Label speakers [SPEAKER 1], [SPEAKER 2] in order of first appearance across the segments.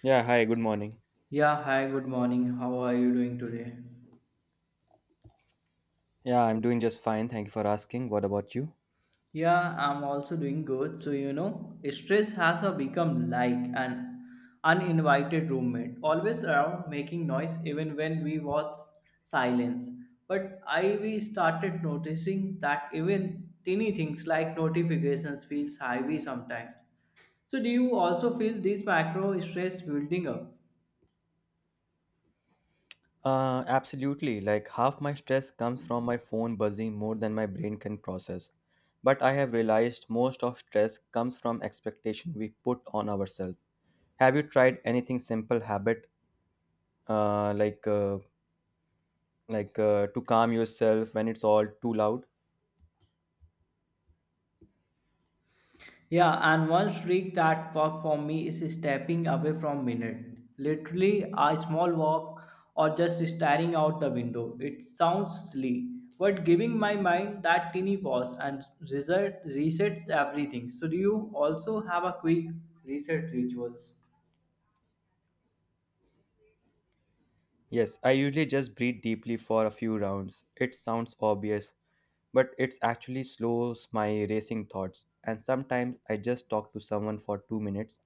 [SPEAKER 1] Yeah, hi, good morning.
[SPEAKER 2] Yeah, hi, good morning. How are you doing today?
[SPEAKER 1] Yeah, I'm doing just fine. Thank you for asking. What about you?
[SPEAKER 2] Yeah, I'm also doing good. So, you know, stress has a become like an uninvited roommate, always around making noise even when we was silence. But I we started noticing that even teeny things like notifications feels heavy sometimes. So do you also feel this macro stress building up?
[SPEAKER 1] Absolutely. Like half my stress comes from my phone buzzing more than my brain can process. But I have realized most of stress comes from expectation we put on ourselves. Have you tried anything simple habit uh, like uh, like to calm yourself when it's all too loud?
[SPEAKER 2] Yeah, and one trick that worked for me is stepping away from minute. Literally a small walk or just staring out the window. It sounds silly, but giving my mind that teeny pause and resets everything. So do you also have a quick reset rituals?
[SPEAKER 1] Yes, I usually just breathe deeply for a few rounds. It sounds obvious, but it's actually slows my racing thoughts. And sometimes I just talk to someone for 2 minutes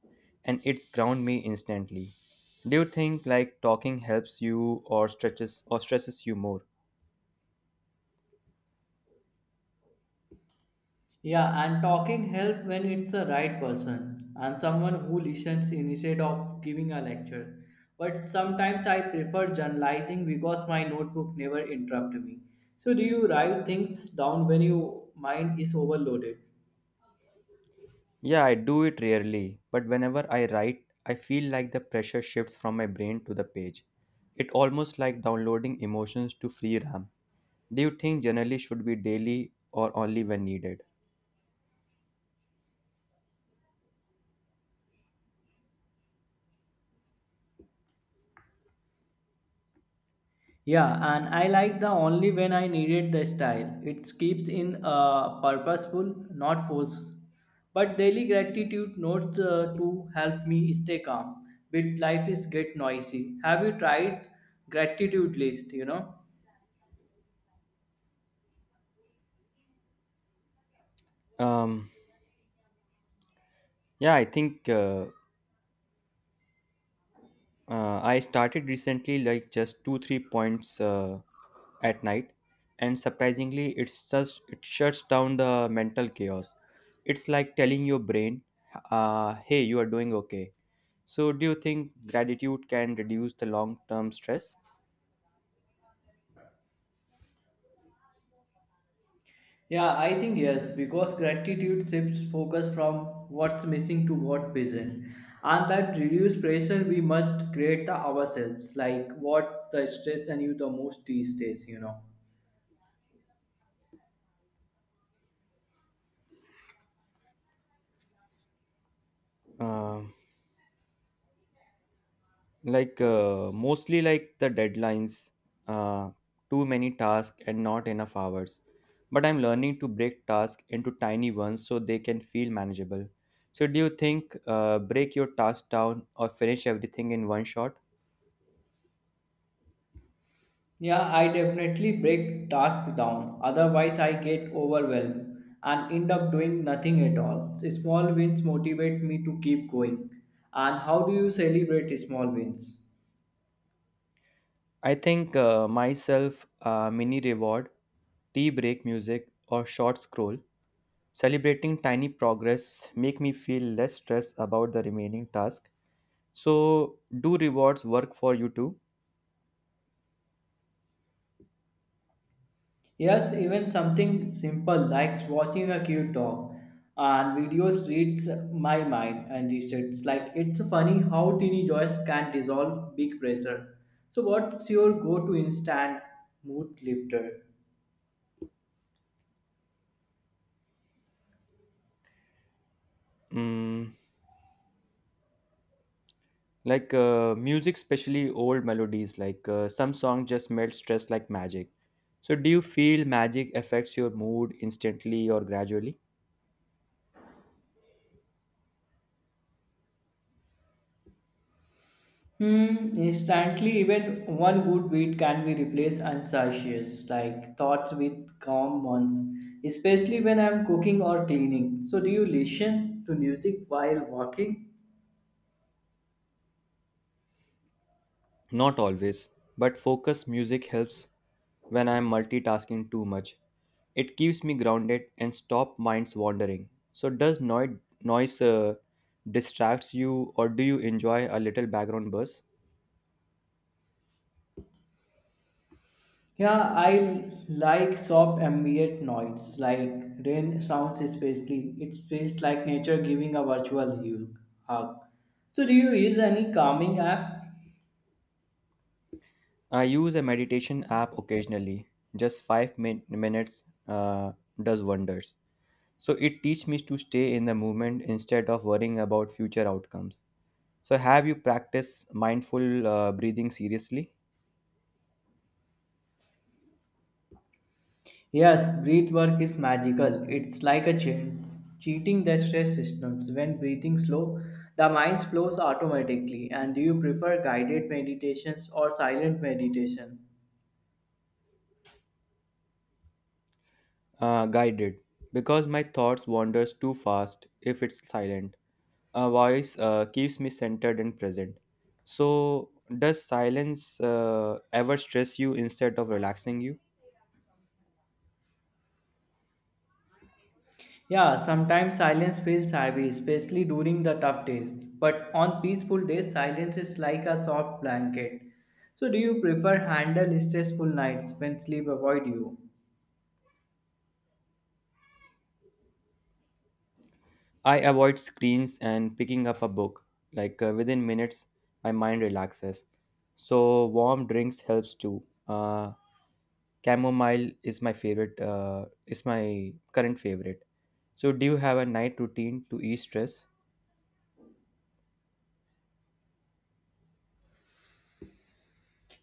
[SPEAKER 1] and it's ground me instantly. Do you think like talking helps you or stretches or stresses you more?
[SPEAKER 2] Yeah, and talking help when it's the right person and someone who listens instead of giving a lecture. But sometimes I prefer journalizing because my notebook never interrupt me. So do you write things down when your mind is overloaded?
[SPEAKER 1] Yeah, I do it rarely, but whenever I write, I feel like the pressure shifts from my brain to the page. It almost like downloading emotions to free RAM. Do you think generally should be daily or only when needed?
[SPEAKER 2] Yeah, and I like the only when I needed the style. It keeps in purposeful, not force. But daily gratitude notes to help me stay calm. But life is get noisy. Have you tried gratitude list? You know.
[SPEAKER 1] Um, yeah, I think I started recently, like just two, three points at night, and surprisingly, it shuts down the mental chaos. It's like telling your brain, "Hey, you are doing okay." So, do you think gratitude can reduce the long-term stress?
[SPEAKER 2] Yeah, I think yes, because gratitude shifts focus from what's missing to what present, and that reduce pressure we must create the ourselves. Like what the stress and you the most these days. You know.
[SPEAKER 1] Um like mostly like the deadlines uh, too many tasks and not enough hours, but I'm learning to break tasks into tiny ones so they can feel manageable. So do you think break your task down or finish everything in one shot?
[SPEAKER 2] Yeah, I definitely break tasks down. Otherwise, I get overwhelmed and end up doing nothing at all. Small wins motivate me to keep going. And how do you celebrate small wins?
[SPEAKER 1] I think myself mini reward, tea break, music, or short scroll. Celebrating tiny progress make me feel less stressed about the remaining task. So do rewards work for you too?
[SPEAKER 2] Yes, even something simple like watching a cute dog and videos reads my mind and resets. Like it's funny how teeny joys can dissolve big pressure. So, what's your go-to instant mood lifter?
[SPEAKER 1] Mm, Like music, especially old melodies, like some song just melt stress like magic. So, do you feel magic affects your mood instantly or gradually?
[SPEAKER 2] Hmm, instantly, even one good beat can be replaced unconscious, like thoughts with calm ones, especially when I'm cooking or cleaning. So, do you listen to music while walking?
[SPEAKER 1] Not always, but focus music helps when I am multitasking too much. It keeps me grounded and stop minds wandering. So, does noise distracts you, or do you enjoy a little background buzz?
[SPEAKER 2] Yeah, I like soft ambient noise, like rain sounds, especially. It feels like nature giving a virtual hug. So, do you use any calming app?
[SPEAKER 1] I use a meditation app occasionally. Just five minutes does wonders. So it teaches me to stay in the moment instead of worrying about future outcomes. So have you practiced mindful breathing seriously?
[SPEAKER 2] Yes, breath work is magical. It's like a chain cheating the stress systems. When breathing slow, the mind flows automatically. And do you prefer guided meditations or silent meditation?
[SPEAKER 1] Guided, because my thoughts wanders too fast if it's silent. A voice keeps me centered and present. So does silence ever stress you instead of relaxing you?
[SPEAKER 2] Yeah, sometimes silence feels heavy, especially during the tough days. But on peaceful days, silence is like a soft blanket. So do you prefer handle stressful nights when sleep avoid you?
[SPEAKER 1] I avoid screens and picking up a book. Like within minutes, my mind relaxes. So warm drinks helps too. Chamomile is is my current favorite. So, do you have a night routine to ease stress?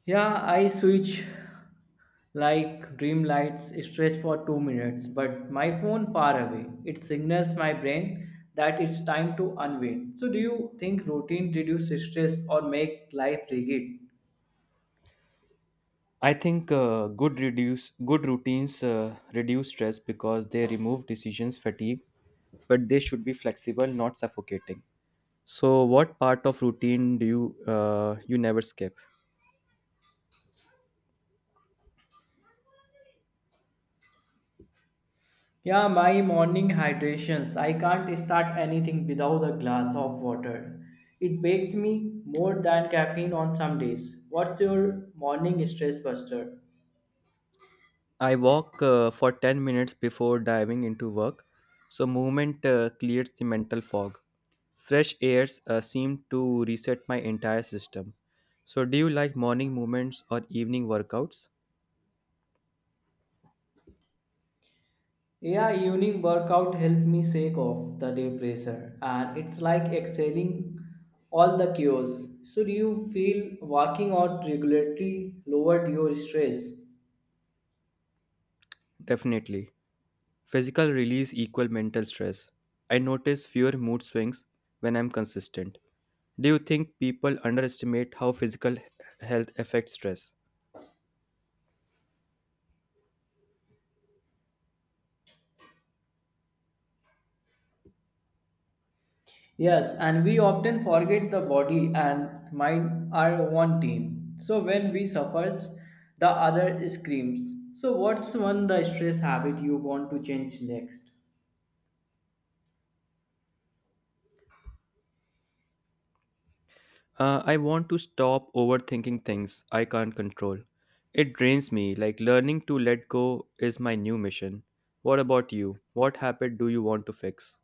[SPEAKER 2] Yeah, I switch like dream lights stress for 2 minutes, but my phone far away. It signals my brain that it's time to unwind. So do you think routine reduce stress or make life rigid?
[SPEAKER 1] I think good routines reduce stress because they remove decisions fatigue, but they should be flexible, not suffocating. So, what part of routine do you never skip?
[SPEAKER 2] Yeah, my morning hydrations. I can't start anything without a glass of water. It bakes me more than caffeine on some days. What's your morning stress buster?
[SPEAKER 1] I walk for 10 minutes before diving into work, so movement clears the mental fog. Fresh airs seemed to reset my entire system. So, do you like morning movements or evening workouts?
[SPEAKER 2] Yeah, evening workout helped me shake off the day pressure, and it's like exhaling all the chaos. Should you feel working out regularly lowered your stress?
[SPEAKER 1] Definitely. Physical release equal mental stress. I notice fewer mood swings when I'm consistent. Do you think people underestimate how physical health affects stress?
[SPEAKER 2] Yes, and we often forget the body and mind are one team. So, when we suffers, the other screams. So, what's one the stress habit you want to change next?
[SPEAKER 1] I want to stop overthinking things I can't control. It drains me, like learning to let go is my new mission. What about you? What habit do you want to fix?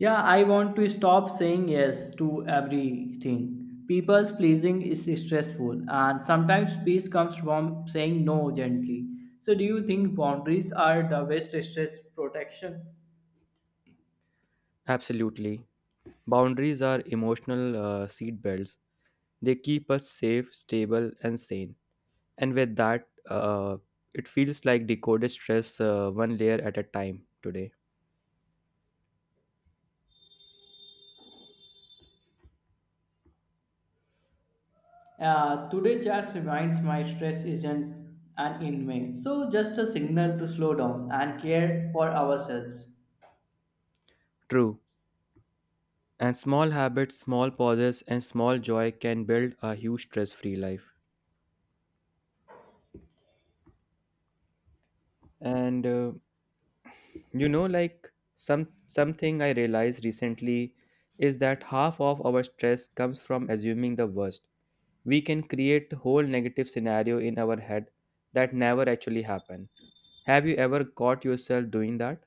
[SPEAKER 2] Yeah, I want to stop saying yes to everything. People's pleasing is stressful, and sometimes peace comes from saying no gently. So, do you think boundaries are the best stress protection?
[SPEAKER 1] Absolutely. Boundaries are emotional seat belts. They keep us safe, stable, and sane. And with that, it feels like decoded stress one layer at a time today.
[SPEAKER 2] Today, just reminds my stress isn't an inmate, so just a signal to slow down and care for ourselves.
[SPEAKER 1] True. And small habits, small pauses, and small joy can build a huge stress-free life. And like something I realized recently is that half of our stress comes from assuming the worst. We can create whole negative scenario in our head that never actually happen. Have you ever caught yourself doing that?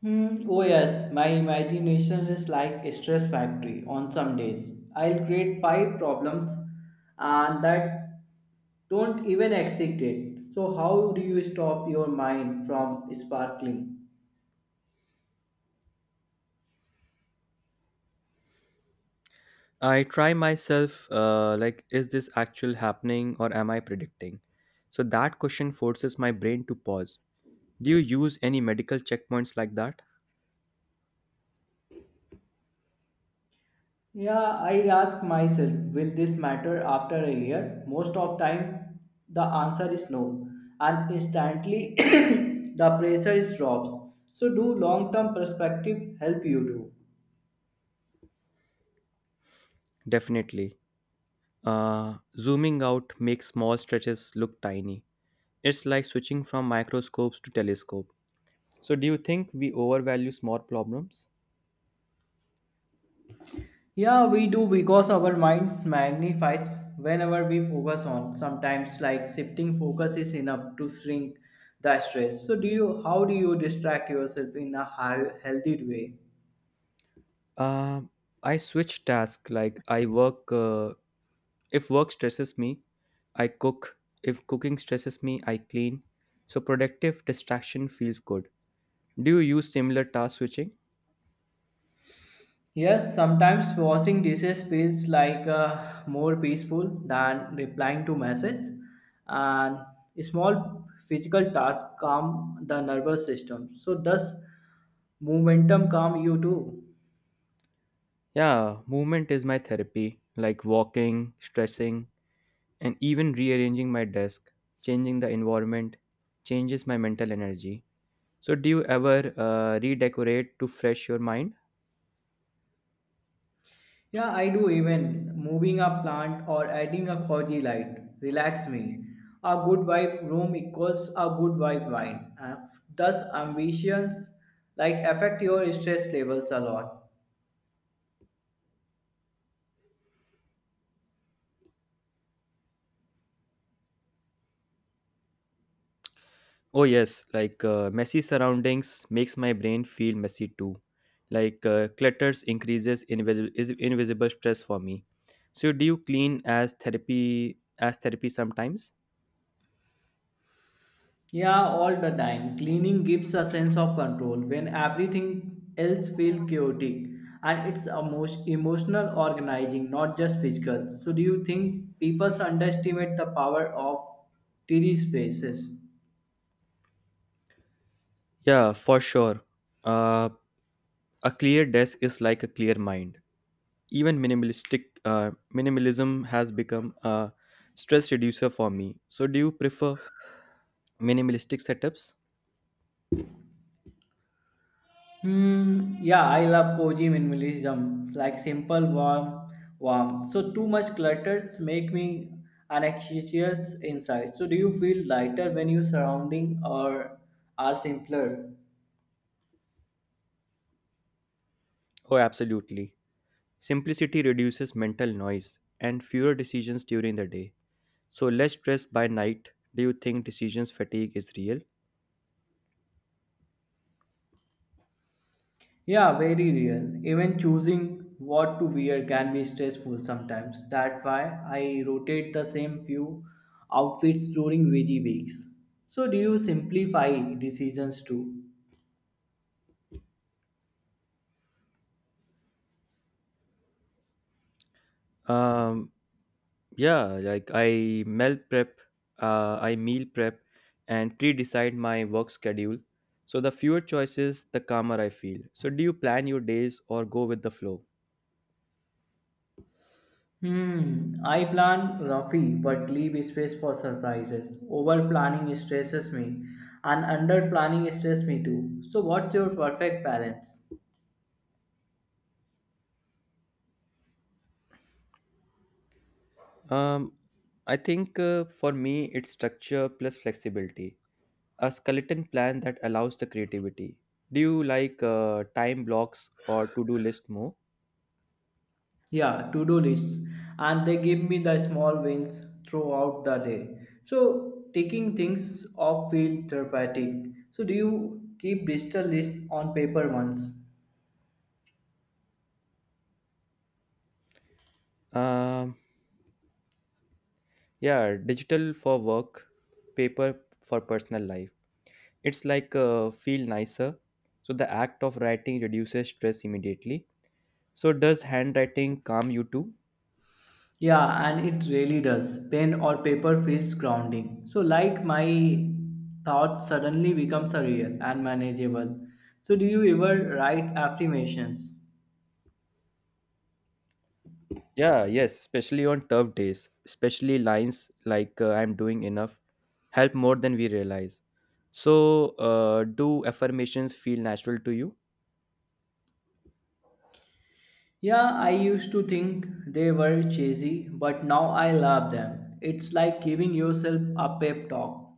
[SPEAKER 2] Hmm. Oh yes, my imagination is like a stress factory on some days. I'll create five problems and that don't even exist yet. So how do you stop your mind from sparkling?
[SPEAKER 1] I try myself like is this actual happening or am I predicting? So that question forces my brain to pause. Do you use any medical checkpoints like that?
[SPEAKER 2] Yeah, I ask myself, will this matter after a year? Most of time the answer is no and instantly the pressure is drops. So do long-term perspective help you do?
[SPEAKER 1] Definitely. uh, Zooming out makes small stretches look tiny. It's like switching from microscopes to telescope. So do you think we overvalue small problems?
[SPEAKER 2] Yeah, we do because our mind magnifies whenever we focus on. Sometimes, like shifting focus is enough to shrink the stress. So, do you? How do you distract yourself in a healthy way?
[SPEAKER 1] Um, I switch task. Like I work. If work stresses me, I cook. If cooking stresses me, I clean. So productive distraction feels good. Do you use similar task switching?
[SPEAKER 2] Yes, sometimes washing dishes feels like more peaceful than replying to messages, and small physical tasks calm the nervous system. So, does momentum calm you too?
[SPEAKER 1] Yeah, movement is my therapy. Like walking, stretching, and even rearranging my desk, changing the environment, changes my mental energy. So do you ever redecorate to fresh your mind?
[SPEAKER 2] Yeah, I do even moving a plant or adding a cozy light relax me. A good vibe room equals a good vibe wine. And thus ambitions like affect your stress levels a lot.
[SPEAKER 1] Oh yes, like messy surroundings makes my brain feel messy too. Like clutters increases invisible stress for me. So do you clean as therapy sometimes?
[SPEAKER 2] Yeah, all the time. Cleaning gives a sense of control when everything else feels chaotic and it's emotional organizing, not just physical. So do you think people underestimate the power of tidy spaces?
[SPEAKER 1] Yeah, for sure. Uh, a clear desk is like a clear mind. Even minimalistic minimalism has become a stress reducer for me. So do you prefer minimalistic setups?
[SPEAKER 2] Hmm. Yeah, I love cozy minimalism, like simple, warm, warm. So too much clutters make me anxious inside. So do you feel lighter when your surrounding or are simpler?
[SPEAKER 1] Oh, absolutely. Simplicity reduces mental noise and fewer decisions during the day. So less stress by night. Do you think decisions fatigue is real?
[SPEAKER 2] Yeah, very real. Even choosing what to wear can be stressful sometimes. That's why I rotate the same few outfits during busy weeks. So do you simplify decisions too?
[SPEAKER 1] Um, yeah, like I meal prep, and pre-decide my work schedule. So the fewer choices, the calmer I feel. So do you plan your days or go with the flow?
[SPEAKER 2] Hmm, I plan roughly but leave space for surprises. Over planning stresses me and under planning stresses me too. So what's your perfect balance?
[SPEAKER 1] Um, I think for me, it's structure plus flexibility. A skeleton plan that allows the creativity. Do you like time blocks or to-do list more?
[SPEAKER 2] Yeah, to-do lists and they give me the small wins throughout the day. So taking things off feel therapeutic. So do you keep digital list on paper ones?
[SPEAKER 1] Um, Yeah, digital for work, paper for personal life. It's like feel nicer. So the act of writing reduces stress immediately. So does handwriting calm you too?
[SPEAKER 2] Yeah, and it really does. Pen or paper feels grounding. So like my thoughts suddenly becomes a real and manageable. So do you ever write affirmations?
[SPEAKER 1] Yeah, yes, especially on tough days, especially lines like I'm doing enough help more than we realize. So do affirmations feel natural to you?
[SPEAKER 2] Yeah, I used to think they were cheesy, but now I love them. It's like giving yourself a pep talk.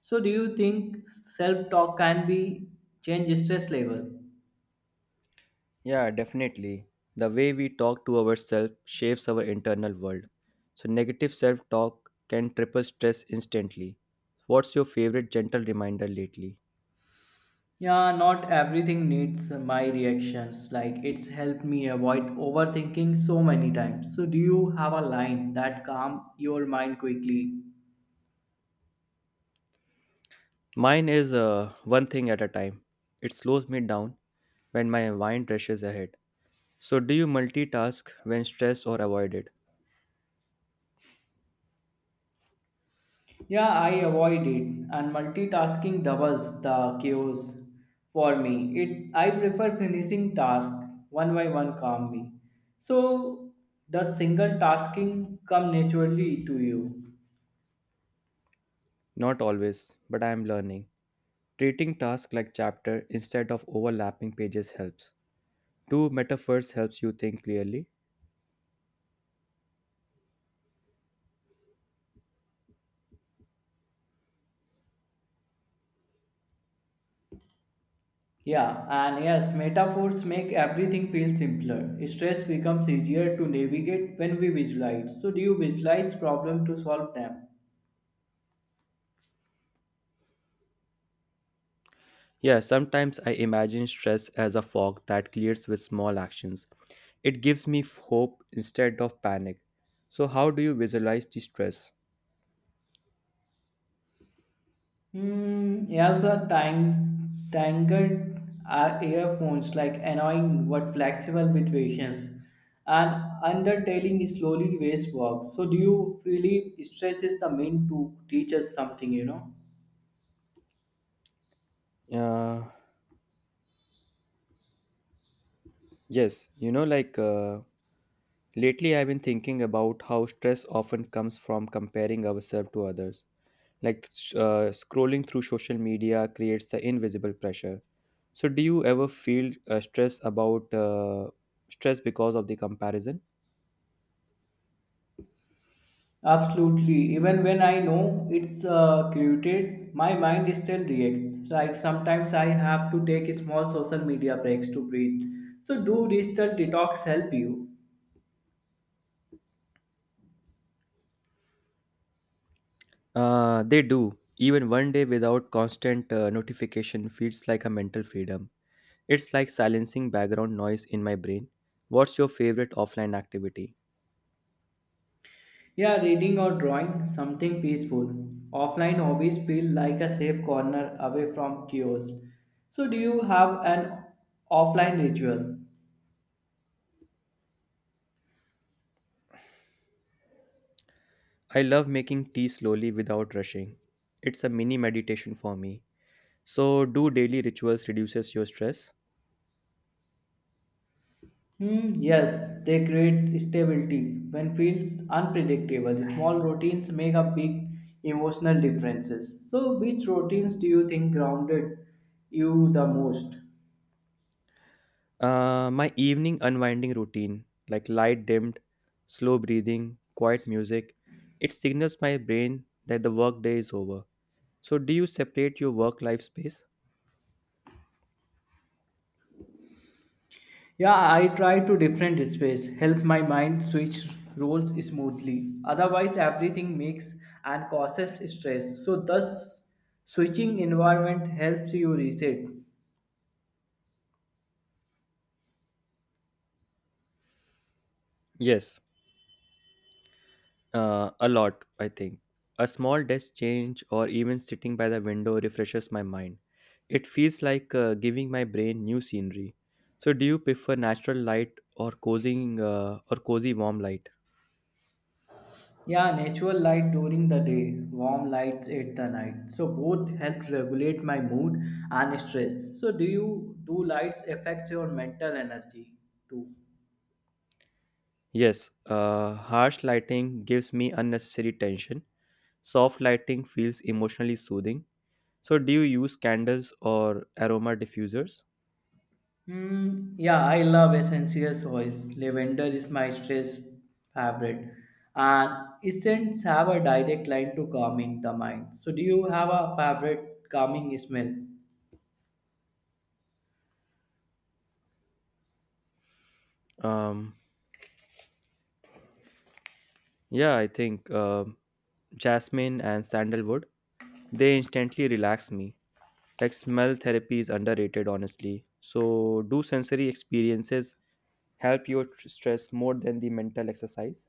[SPEAKER 2] So do you think self talk can be change stress level?
[SPEAKER 1] Yeah, definitely. The way we talk to ourselves shapes our internal world. So, negative self talk can triple stress instantly. What's your favorite gentle reminder lately?
[SPEAKER 2] Yeah, not everything needs my reactions. Like it's helped me avoid overthinking so many times. So do you have a line that calm your mind quickly?
[SPEAKER 1] Mine is one thing at a time. It slows me down when my mind rushes ahead. So, do you multitask when stressed or avoid it?
[SPEAKER 2] Yeah, I avoid it and multitasking doubles the chaos for me. It I prefer finishing task one by one calmly. So does single tasking come naturally to you?
[SPEAKER 1] Not always, but I am learning. Treating tasks like chapter instead of overlapping pages helps. Do metaphors helps you think clearly?
[SPEAKER 2] Yeah, and yes, metaphors make everything feel simpler. Stress becomes easier to navigate when we visualize. So, do you visualize problem to solve them?
[SPEAKER 1] Yeah, sometimes I imagine stress as a fog that clears with small actions. It gives me hope instead of panic. So, how do you visualize the stress?
[SPEAKER 2] Hmm, yes, a tangled earphones like annoying but flexible with patience. And undertailing slowly waste work. So, do you feel stress is the mean to teach us something, you know?
[SPEAKER 1] Uh, yes, like lately I've been thinking about how stress often comes from comparing ourselves to others. Like scrolling through social media creates the invisible pressure. So, do you ever feel stress because of the comparison?
[SPEAKER 2] Absolutely. Even when I know it's created, my mind still reacts. Like sometimes I have to take small social media breaks to breathe. So, do digital detox help you?
[SPEAKER 1] They do. Even one day without constant notification feels like a mental freedom. It's like silencing background noise in my brain. What's your favorite offline activity?
[SPEAKER 2] Yeah, reading or drawing, something peaceful. Offline hobbies feel like a safe corner away from chaos. So, do you have an offline ritual?
[SPEAKER 1] I love making tea slowly without rushing. It's a mini meditation for me. So, do daily rituals reduces your stress?
[SPEAKER 2] Hmm, yes, they create stability. When feels unpredictable, small routines make a big emotional differences. So, which routines do you think grounded you the most?
[SPEAKER 1] My evening unwinding routine, like light dimmed, slow breathing, quiet music, it signals my brain that the workday is over. So, do you separate your work life space?
[SPEAKER 2] Yeah, I try to different space, help my mind switch roles smoothly. Otherwise, everything makes and causes stress. So, thus, switching environment helps you reset.
[SPEAKER 1] Yes, a lot, I think. A small desk change or even sitting by the window refreshes my mind. It feels like giving my brain new scenery. So, do you prefer natural light or cozy warm light?
[SPEAKER 2] Yeah, natural light during the day, warm lights at the night. So both help regulate my mood and stress. So do you do lights affect your mental energy too?
[SPEAKER 1] Yes, harsh lighting gives me unnecessary tension. Soft lighting feels emotionally soothing. So, do you use candles or aroma diffusers?
[SPEAKER 2] Hmm. Yeah, I love essential oils. Lavender is my stress favorite, and scents have a direct line to calming the mind. So do you have a favorite calming smell?
[SPEAKER 1] Um, yeah, I think jasmine and sandalwood. They instantly relax me. Like smell therapy is underrated, honestly. So, do sensory experiences help your stress more than the mental exercise?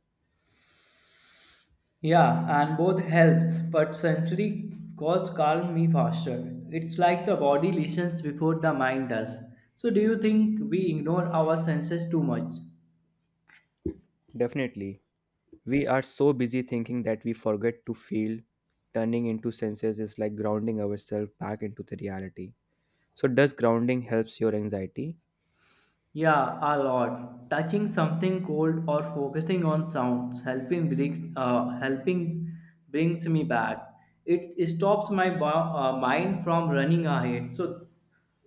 [SPEAKER 2] Yeah, and both helps, but sensory cause calm me faster. It's like the body listens before the mind does. So do you think we ignore our senses too much?
[SPEAKER 1] Definitely. We are so busy thinking that we forget to feel. Turning into senses is like grounding ourselves back into the reality. So, does grounding helps your anxiety?
[SPEAKER 2] Yeah, a lot. Touching something cold or focusing on sounds helping brings me back. It stops my mind from running ahead. So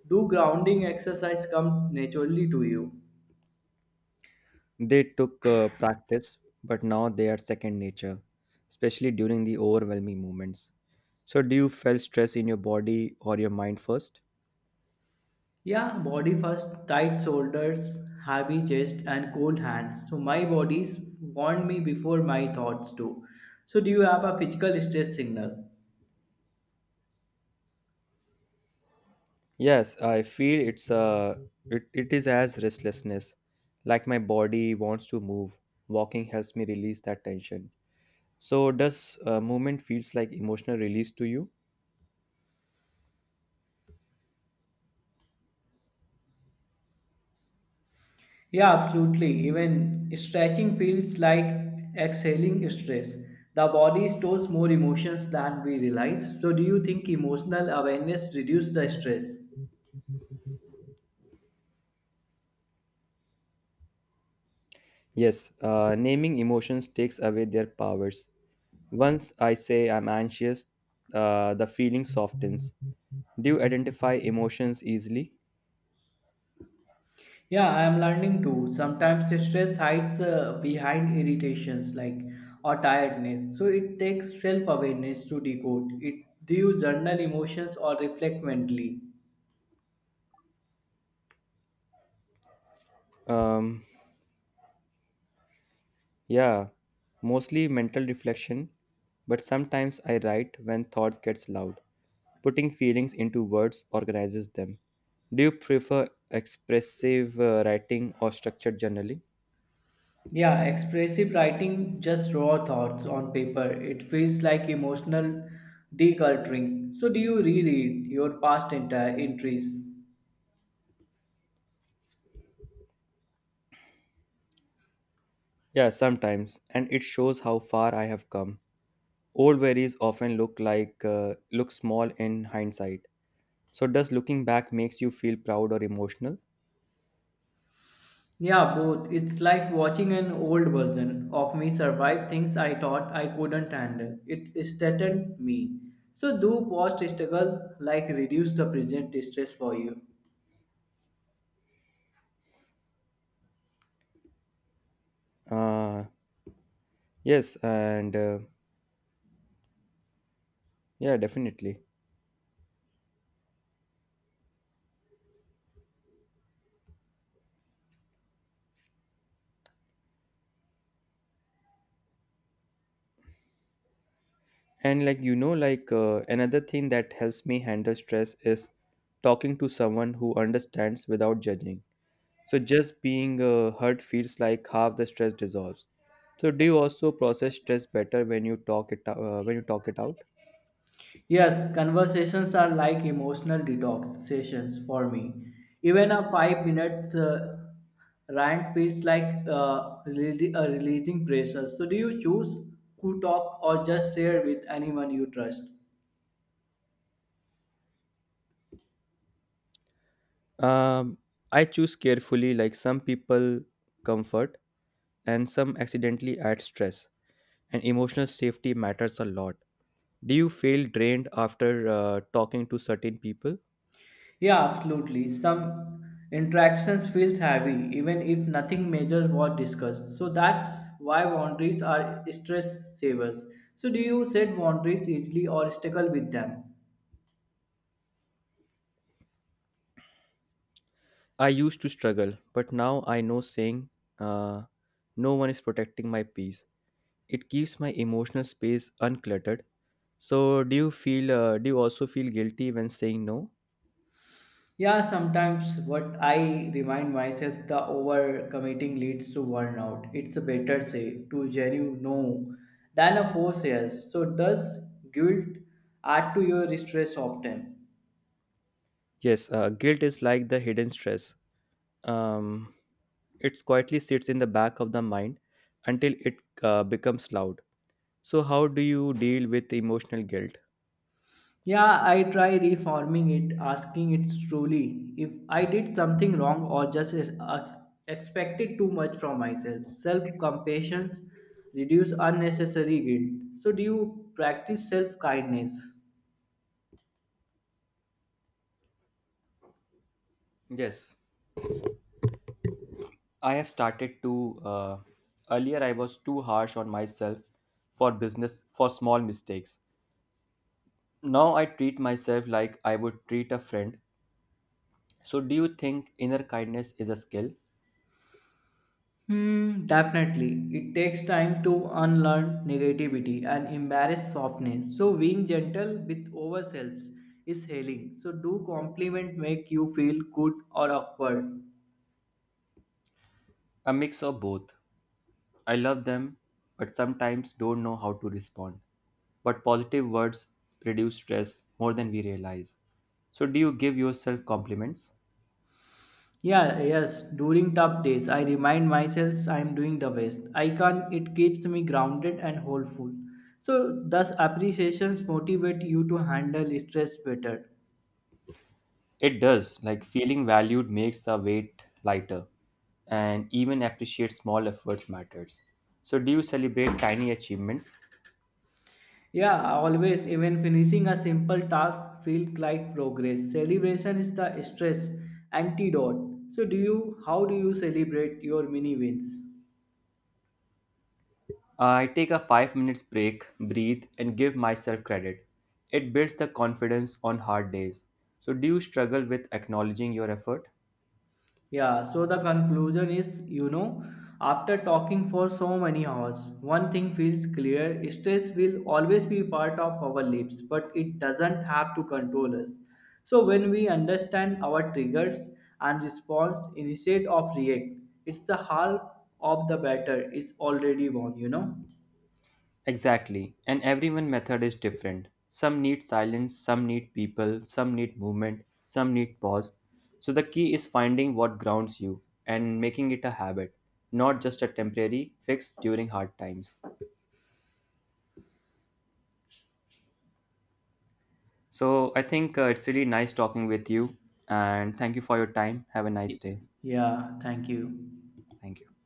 [SPEAKER 2] do grounding exercise come naturally to you?
[SPEAKER 1] They took practice, but now they are second nature, especially during the overwhelming moments. So, do you feel stress in your body or your mind first?
[SPEAKER 2] Yeah, body first, tight shoulders, heavy chest, and cold hands. So my body's warned me before my thoughts do. So do you have a physical stress signal?
[SPEAKER 1] Yes, I feel it is as restlessness. Like my body wants to move. Walking helps me release that tension. So does movement feels like emotional release to you?
[SPEAKER 2] Yeah, absolutely. Even stretching feels like exhaling stress. The body stores more emotions than we realize. So do you think emotional awareness reduces the stress?
[SPEAKER 1] Yes, naming emotions takes away their powers. Once I say I'm anxious, the feeling softens. Do you identify emotions easily?
[SPEAKER 2] Yeah, I am learning too. Sometimes stress hides behind irritations like or tiredness. So it takes self-awareness to decode it. Do you journal emotions or reflect mentally?
[SPEAKER 1] Um, yeah, mostly mental reflection, but sometimes I write when thoughts gets loud. Putting feelings into words organizes them. Do you prefer expressive writing or structured journaling?
[SPEAKER 2] Yeah, expressive writing just raw thoughts on paper. It feels like emotional decluttering. So do you reread your past entire entries?
[SPEAKER 1] Yeah, sometimes, and it shows how far I have come. Old worries often look small in hindsight. So, does looking back makes you feel proud or emotional?
[SPEAKER 2] Yeah, both. It's like watching an old version of me survive things I thought I couldn't handle. It strengthened me. So do past struggle like reduce the present stress for you.
[SPEAKER 1] Uh, yes, and yeah, definitely. And like like another thing that helps me handle stress is talking to someone who understands without judging. So just being heard feels like half the stress dissolves. So do you also process stress better when you talk it out?
[SPEAKER 2] Yes, conversations are like emotional detox sessions for me. Even a 5 minutes rant feels like releasing pressure. So do you choose who talk or just share with anyone you trust?
[SPEAKER 1] Um, I choose carefully. Like some people comfort and some accidentally add stress. And emotional safety matters a lot. Do you feel drained after talking to certain people?
[SPEAKER 2] Yeah, absolutely. Some interactions feels heavy even if nothing major was discussed. So that's why boundaries are stress savers. So do you set boundaries easily or struggle with them?
[SPEAKER 1] I used to struggle, but now I know saying uh, no one is protecting my peace. It keeps my emotional space uncluttered. So, do you also feel guilty when saying no?
[SPEAKER 2] Yeah, sometimes what I remind myself the overcommitting leads to burnout. It's a better say to genuine no than a force yes. So does guilt add to your stress often?
[SPEAKER 1] Yes, guilt is like the hidden stress. Um, it quietly sits in the back of the mind until it becomes loud. So, how do you deal with emotional guilt?
[SPEAKER 2] Yeah, I try reforming it, asking it truly if I did something wrong or just expected too much from myself. Self compassion reduce unnecessary guilt. So, do you practice self kindness?
[SPEAKER 1] Yes, I have started to. Earlier, I was too harsh on myself for business for small mistakes. Now I treat myself like I would treat a friend. So, do you think inner kindness is a skill?
[SPEAKER 2] Hmm, definitely. It takes time to unlearn negativity and embrace softness. So, being gentle with ourselves is healing. So, do compliment make you feel good or awkward?
[SPEAKER 1] A mix of both. I love them, but sometimes don't know how to respond. But positive words reduce stress more than we realize. So, do you give yourself compliments?
[SPEAKER 2] Yeah, yes, during tough days, I remind myself I am doing the best. I can, it keeps me grounded and hopeful. So, thus, appreciations motivate you to handle stress better?
[SPEAKER 1] It does. Like, feeling valued makes the weight lighter, and even appreciate small efforts matters. So, do you celebrate tiny achievements?
[SPEAKER 2] Yeah, always, even finishing a simple task feels like progress. Celebration is the stress antidote. So, do you, how do you celebrate your mini wins?
[SPEAKER 1] I take a 5 minutes break, breathe, and give myself credit. It builds the confidence on hard days. So, do you struggle with acknowledging your effort?
[SPEAKER 2] Yeah, so the conclusion is, you know, after talking for so many hours, one thing feels clear stress will always be part of our lives, but it doesn't have to control us. So, when we understand our triggers and response instead of react, it's the half of the battle is already won, you know?
[SPEAKER 1] Exactly, and everyone method is different. Some need silence, some need people, some need movement, some need pause. So the key is finding what grounds you and making it a habit, not just a temporary fix during hard times. So I think it's really nice talking with you and thank you for your time. Have a nice
[SPEAKER 2] Y-
[SPEAKER 1] day.
[SPEAKER 2] Yeah, thank you.
[SPEAKER 1] Thank you.